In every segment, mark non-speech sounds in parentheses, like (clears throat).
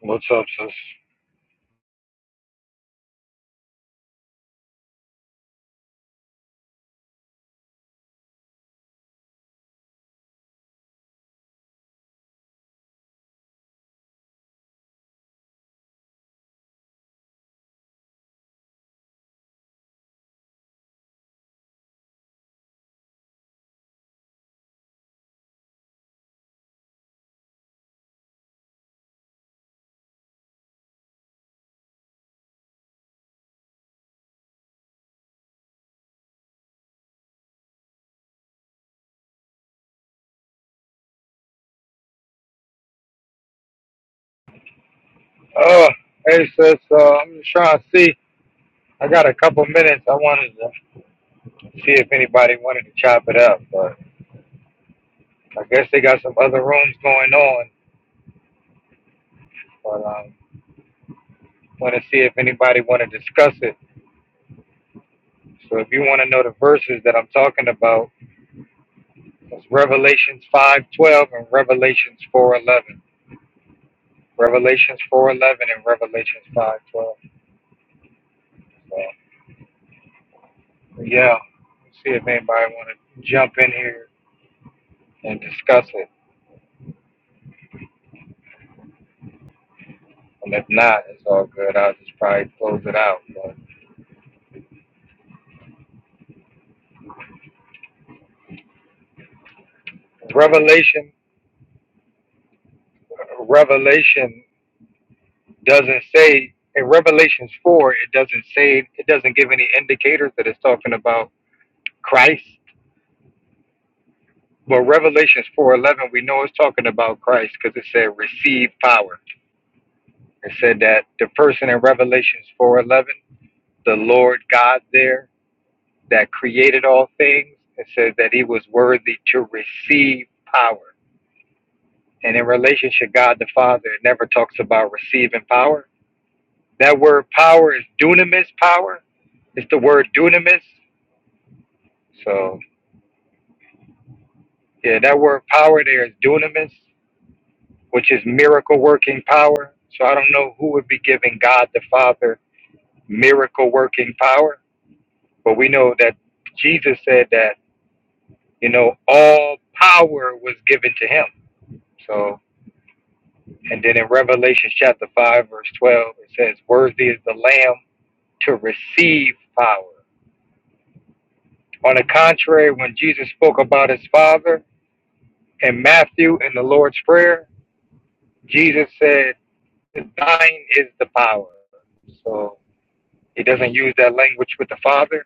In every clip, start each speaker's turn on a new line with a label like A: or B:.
A: What's up, sis? Uh, hey, sis. Uh, I'm just trying to see. I got a couple minutes. I wanted to see if anybody wanted to chop it up, but I guess they got some other rooms going on. But um, want to see if anybody want to discuss it. So if you want to know the verses that I'm talking about, it's Revelations 5:12 and Revelations 4:11. Revelations 4:11 and Revelations 5:12. So yeah, see if anybody want to jump in here and discuss it. And if not, it's all good. I'll just probably close it out. But Revelation, Revelation doesn't say in Revelations four. It doesn't say it doesn't give any indicators that it's talking about Christ. But Revelations four eleven, we know it's talking about Christ because it said receive power. It said that the person in Revelations four eleven, the Lord God there that created all things. It said that he was worthy to receive power And in relationship, God the Father it never talks about receiving power. That word power is dunamis power. It's the word dunamis. So, yeah, that word power there is dunamis, which is miracle working power. So, I don't know who would be giving God the Father miracle working power, but we know that Jesus said that, you know, all power was given to him. So, and then in Revelation chapter 5, verse 12, it says, Worthy is the Lamb to receive power. On the contrary, when Jesus spoke about his Father in Matthew in the Lord's Prayer, Jesus said, Thine is the power. So he doesn't use that language with the Father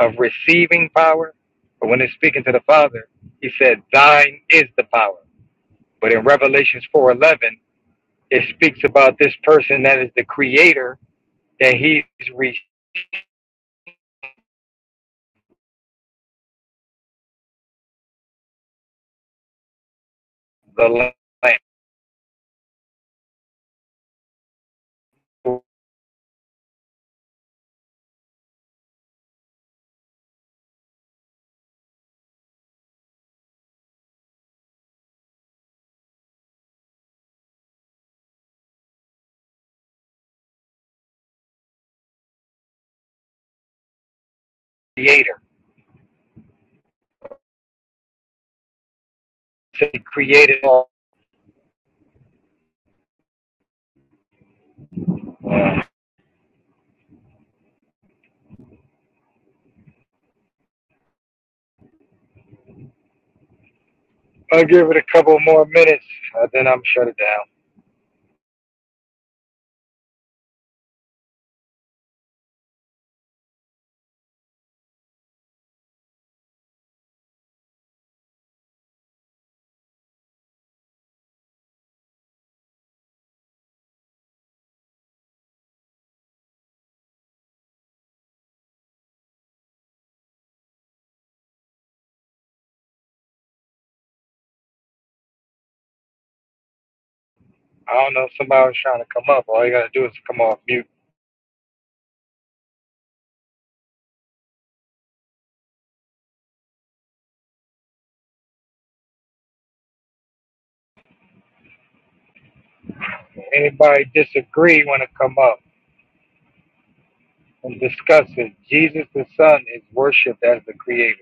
A: of receiving power. But when he's speaking to the Father, he said, Thine is the power. But in Revelations 4.11, it speaks about this person that is the creator, that he's re- the Lamb, creator. So he created all I'll give it a couple more minutes, uh, then I'm shut it down. I don't know if somebody's trying to come up. All you gotta do is come off mute. Anybody disagree want to come up and discuss it? Jesus the Son is worshipped as the Creator.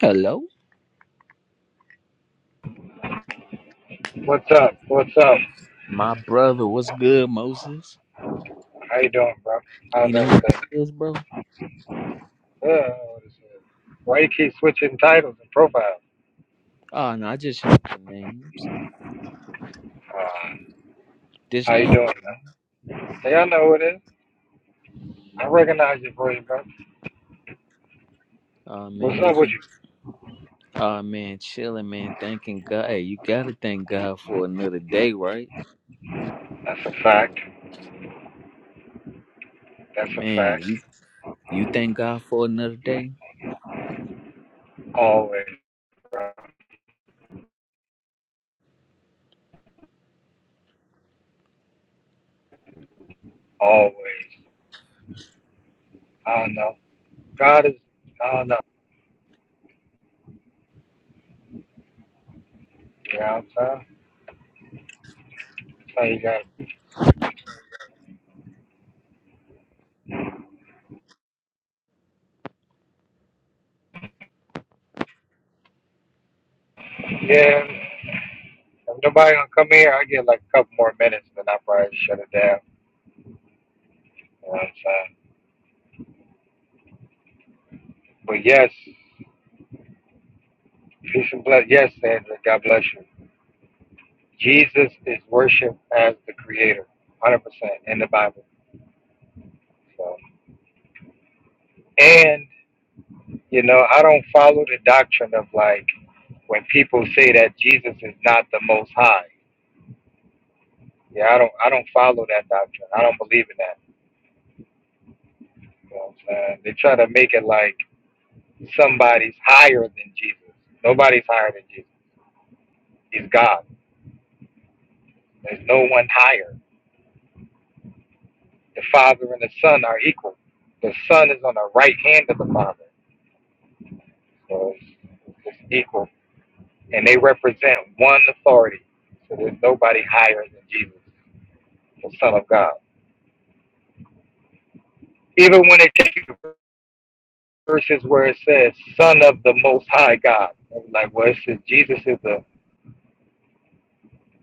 B: Hello,
A: What's up? What's up?
B: my brother. What's good, Moses?
A: How you doing, bro?
B: You
A: How's
B: know who it
A: everything?
B: is, bro?
A: Uh, what is it? Why you keep switching titles and profiles?
B: Oh no, I just heard the names.
A: Uh,
B: This
A: how you
B: ain't.
A: doing, man? Hey, I know who it is. I recognize your voice, bro.
B: Oh man,
A: What's
B: what
A: up with
B: you?
A: you?
B: Oh man, chilling, man. Thanking God. Hey, you gotta thank God for another day, right?
A: That's a fact. That's a
B: Man,
A: fact.
B: you you thank God for another day?
A: Always, bro. Always. I don't know. God is, I don't know. You know what I'm saying? So you got, yeah. If nobody gonna come here, I get like a couple more minutes, then I probably shut it down. You know what I'm saying? But yes, peace and bless. Yes, Sandra, God bless you. Jesus is worshipped as the Creator, 100% in the Bible. So, and you know, I don't follow the doctrine of like when people say that Jesus is not the Most High. Yeah, I don't. I don't follow that doctrine. I don't believe in that. You know what I'm saying? They try to make it like somebody's higher than Jesus. Nobody's higher than Jesus. He's God. There's no one higher. The Father and the Son are equal. The Son is on the right hand of the Father. So it's, it's equal. And they represent one authority. So there's nobody higher than Jesus, the Son of God. Even when they take verses where it says Son of the Most High God, I'm like well, it says Jesus is the,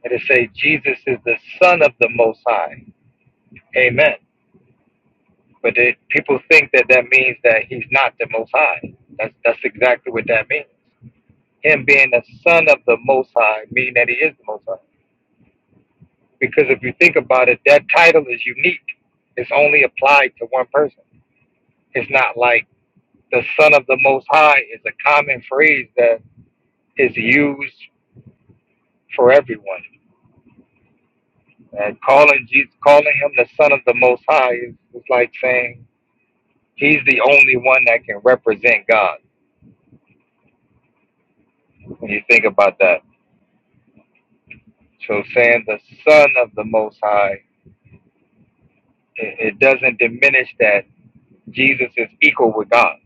A: and it say Jesus is the Son of the Most High. Amen. But they, people think that that means that he's not the Most High. That's that's exactly what that means. Him being the Son of the Most High, meaning that he is the Most High. Because if you think about it, that title is unique. It's only applied to one person. It's not like the Son of the Most High is a common phrase that is used for everyone. And calling Jesus, calling him the Son of the Most High is, is like saying he's the only one that can represent God. When you think about that. So saying the Son of the Most High, it, it doesn't diminish that Jesus is equal with God.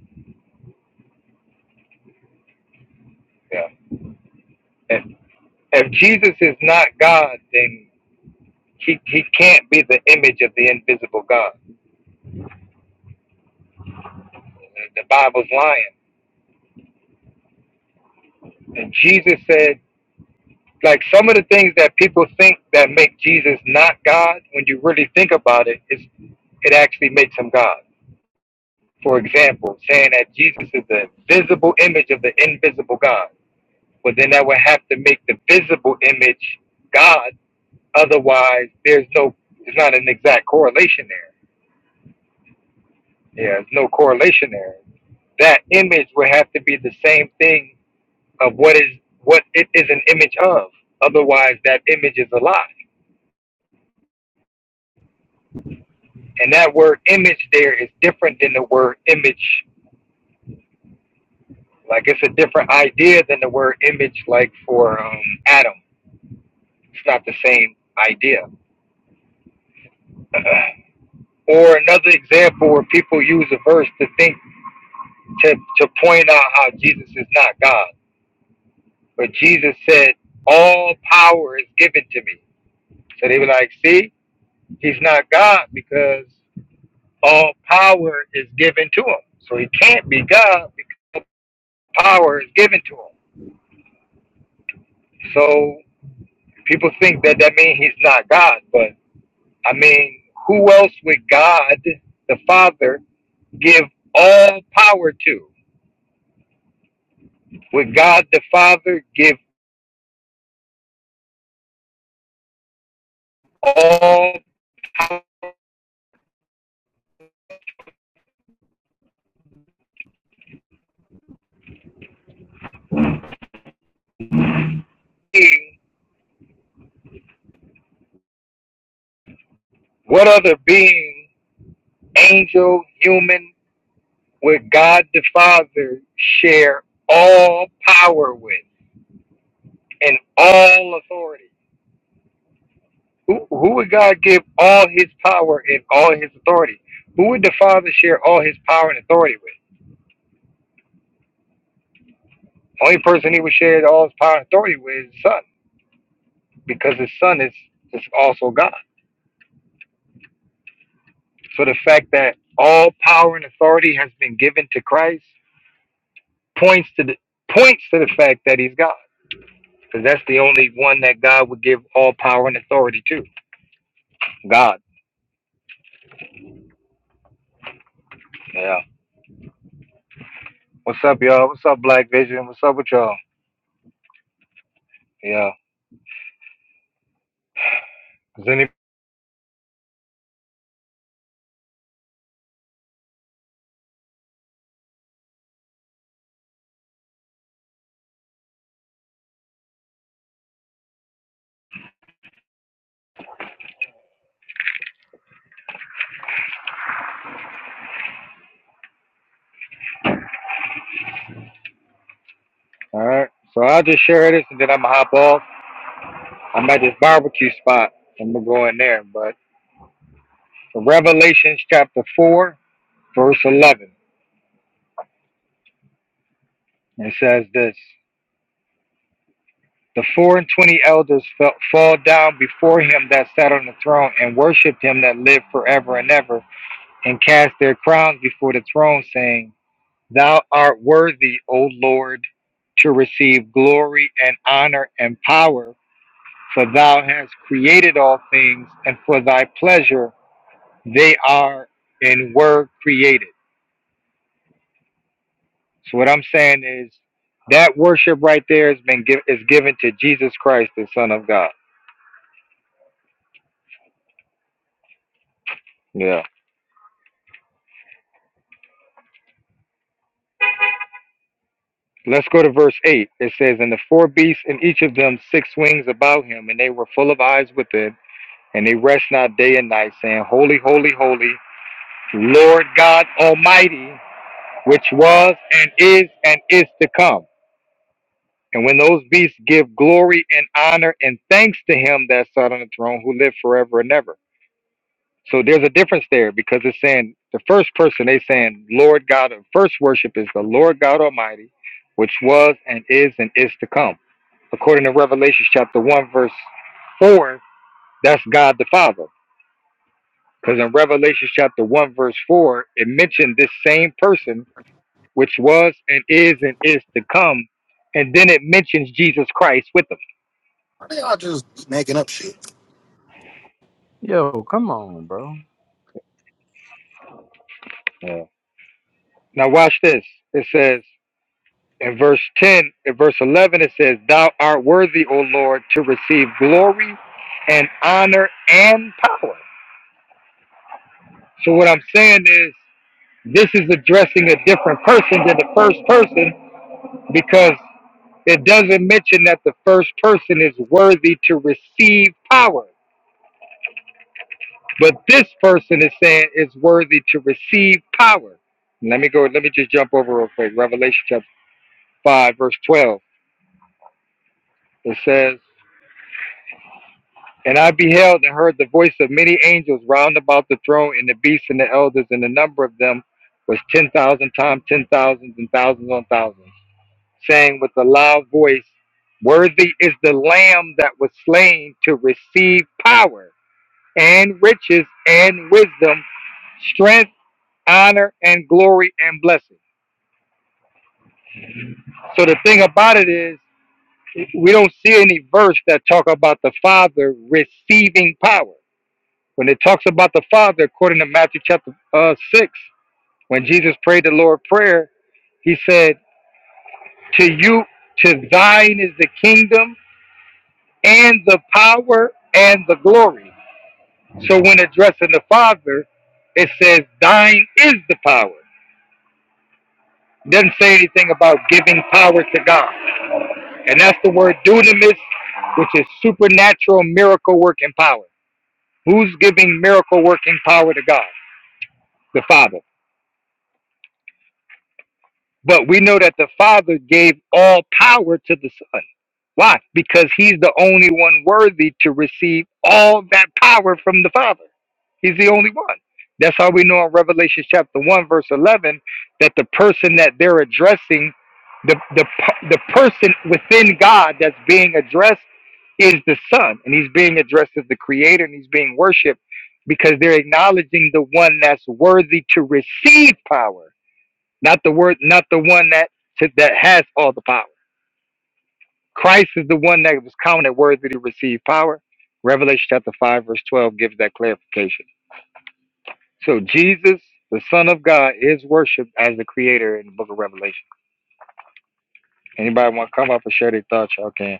A: Yeah. And if Jesus is not God, then he, he can't be the image of the invisible God. The Bible's lying. And Jesus said, like some of the things that people think that make Jesus not God, when you really think about it, it's, it actually makes him God. For example, saying that Jesus is the visible image of the invisible God Well, then that would have to make the visible image God. Otherwise, there's no, there's not an exact correlation there. Yeah, there's no correlation there. That image would have to be the same thing of what is what it is an image of. Otherwise, that image is a lie. And that word image there is different than the word image. Like it's a different idea than the word image. Like for um, Adam, it's not the same idea. (laughs) (clears throat) Or another example where people use a verse to think to, to point out how Jesus is not God. But Jesus said, All power is given to me. So they were like, see, he's not God because all power is given to him. So he can't be God because power is given to him. So people think that that means he's not God. But I mean, who else would God, the Father, give all power to? Would God the Father give all being, what other being, angel, human, would God the Father share all power with and all authority? Who, who would God give all his power and all his authority? Who would the Father share all his power and authority with? Only person he would share all his power and authority with is his Son, because his Son is, is also God. So the fact that all power and authority has been given to Christ points to the points to the fact that he's God. Because that's the only one that God would give all power and authority to. God. Yeah. What's up, y'all? What's up, Black Vision? What's up with y'all? Yeah. Is any all right. So I'll just share this and then I'm gonna hop off. I'm at this barbecue spot. I'm gonna go in there. But Revelations chapter four, verse eleven. It says this the four and twenty elders fell, fall down before him that sat on the throne and worshipped him that lived forever and ever, and cast their crowns before the throne, saying, Thou art worthy, O Lord, to receive glory and honor and power, for thou hast created all things, and for thy pleasure they are and were created. So what I'm saying is that worship right there has been giv is given to Jesus Christ, the Son of God. Yeah. Let's go to verse 8. It says, And the four beasts and each of them six wings about him, and they were full of eyes within, and they rest not day and night, saying, Holy, holy, holy Lord God Almighty, which was and is and is to come. And when those beasts give glory and honor and thanks to him that sat on the throne who lived forever and ever. So there's a difference there because it's saying the first person they saying Lord God first worship is the Lord God Almighty, which was and is and is to come. According to Revelation chapter one verse four, that's God the Father. Because in Revelation chapter one verse four, it mentioned this same person which was and is and is to come. And then it mentions Jesus Christ with them.
C: They are just making up shit.
B: Yo, come on, bro.
A: Yeah. Now watch this. It says in verse 10, in verse 11, it says, Thou art worthy, O Lord, to receive glory and honor and power. So what I'm saying is this is addressing a different person than the first person because it doesn't mention that the first person is worthy to receive power. But this person is saying is worthy to receive power. Let me go, let me just jump over real quick. Revelation chapter 5, verse 12. It says, And I beheld and heard the voice of many angels round about the throne and the beasts and the elders, and the number of them was 10,000 times ten thousands and thousands on thousands, saying with a loud voice, Worthy is the Lamb that was slain to receive power and riches and wisdom, strength honor and glory and blessing. So the thing about it is, we don't see any verse that talk about the Father receiving power. When it talks about the Father, according to Matthew chapter uh, six, when Jesus prayed the Lord prayer, he said, "To you, to thine is the kingdom and the power and the glory." So when addressing the Father, it says, "Thine is the power." It doesn't say anything about giving power to God. And that's the word dunamis, which is supernatural miracle working power. Who's giving miracle working power to God? The Father. But we know that the Father gave all power to the Son. Why? Because he's the only one worthy to receive all that power from the Father. He's the only one. That's how we know in Revelation chapter 1, verse 11, that the person that they're addressing, the, the, the person within God that's being addressed is the Son, and he's being addressed as the Creator, and he's being worshipped because they're acknowledging the one that's worthy to receive power, not the word, not the one that to, that has all the power. Christ is the one that was counted worthy to receive power. Revelation chapter five, verse twelve gives that clarification. So Jesus, the Son of God, is worshipped as the Creator in the Book of Revelation. Anybody want to come up and share their thoughts? Y'all can.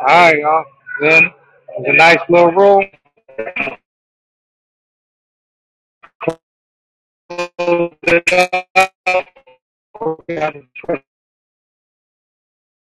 A: All right, y'all. Then it was a nice little room. it up. We have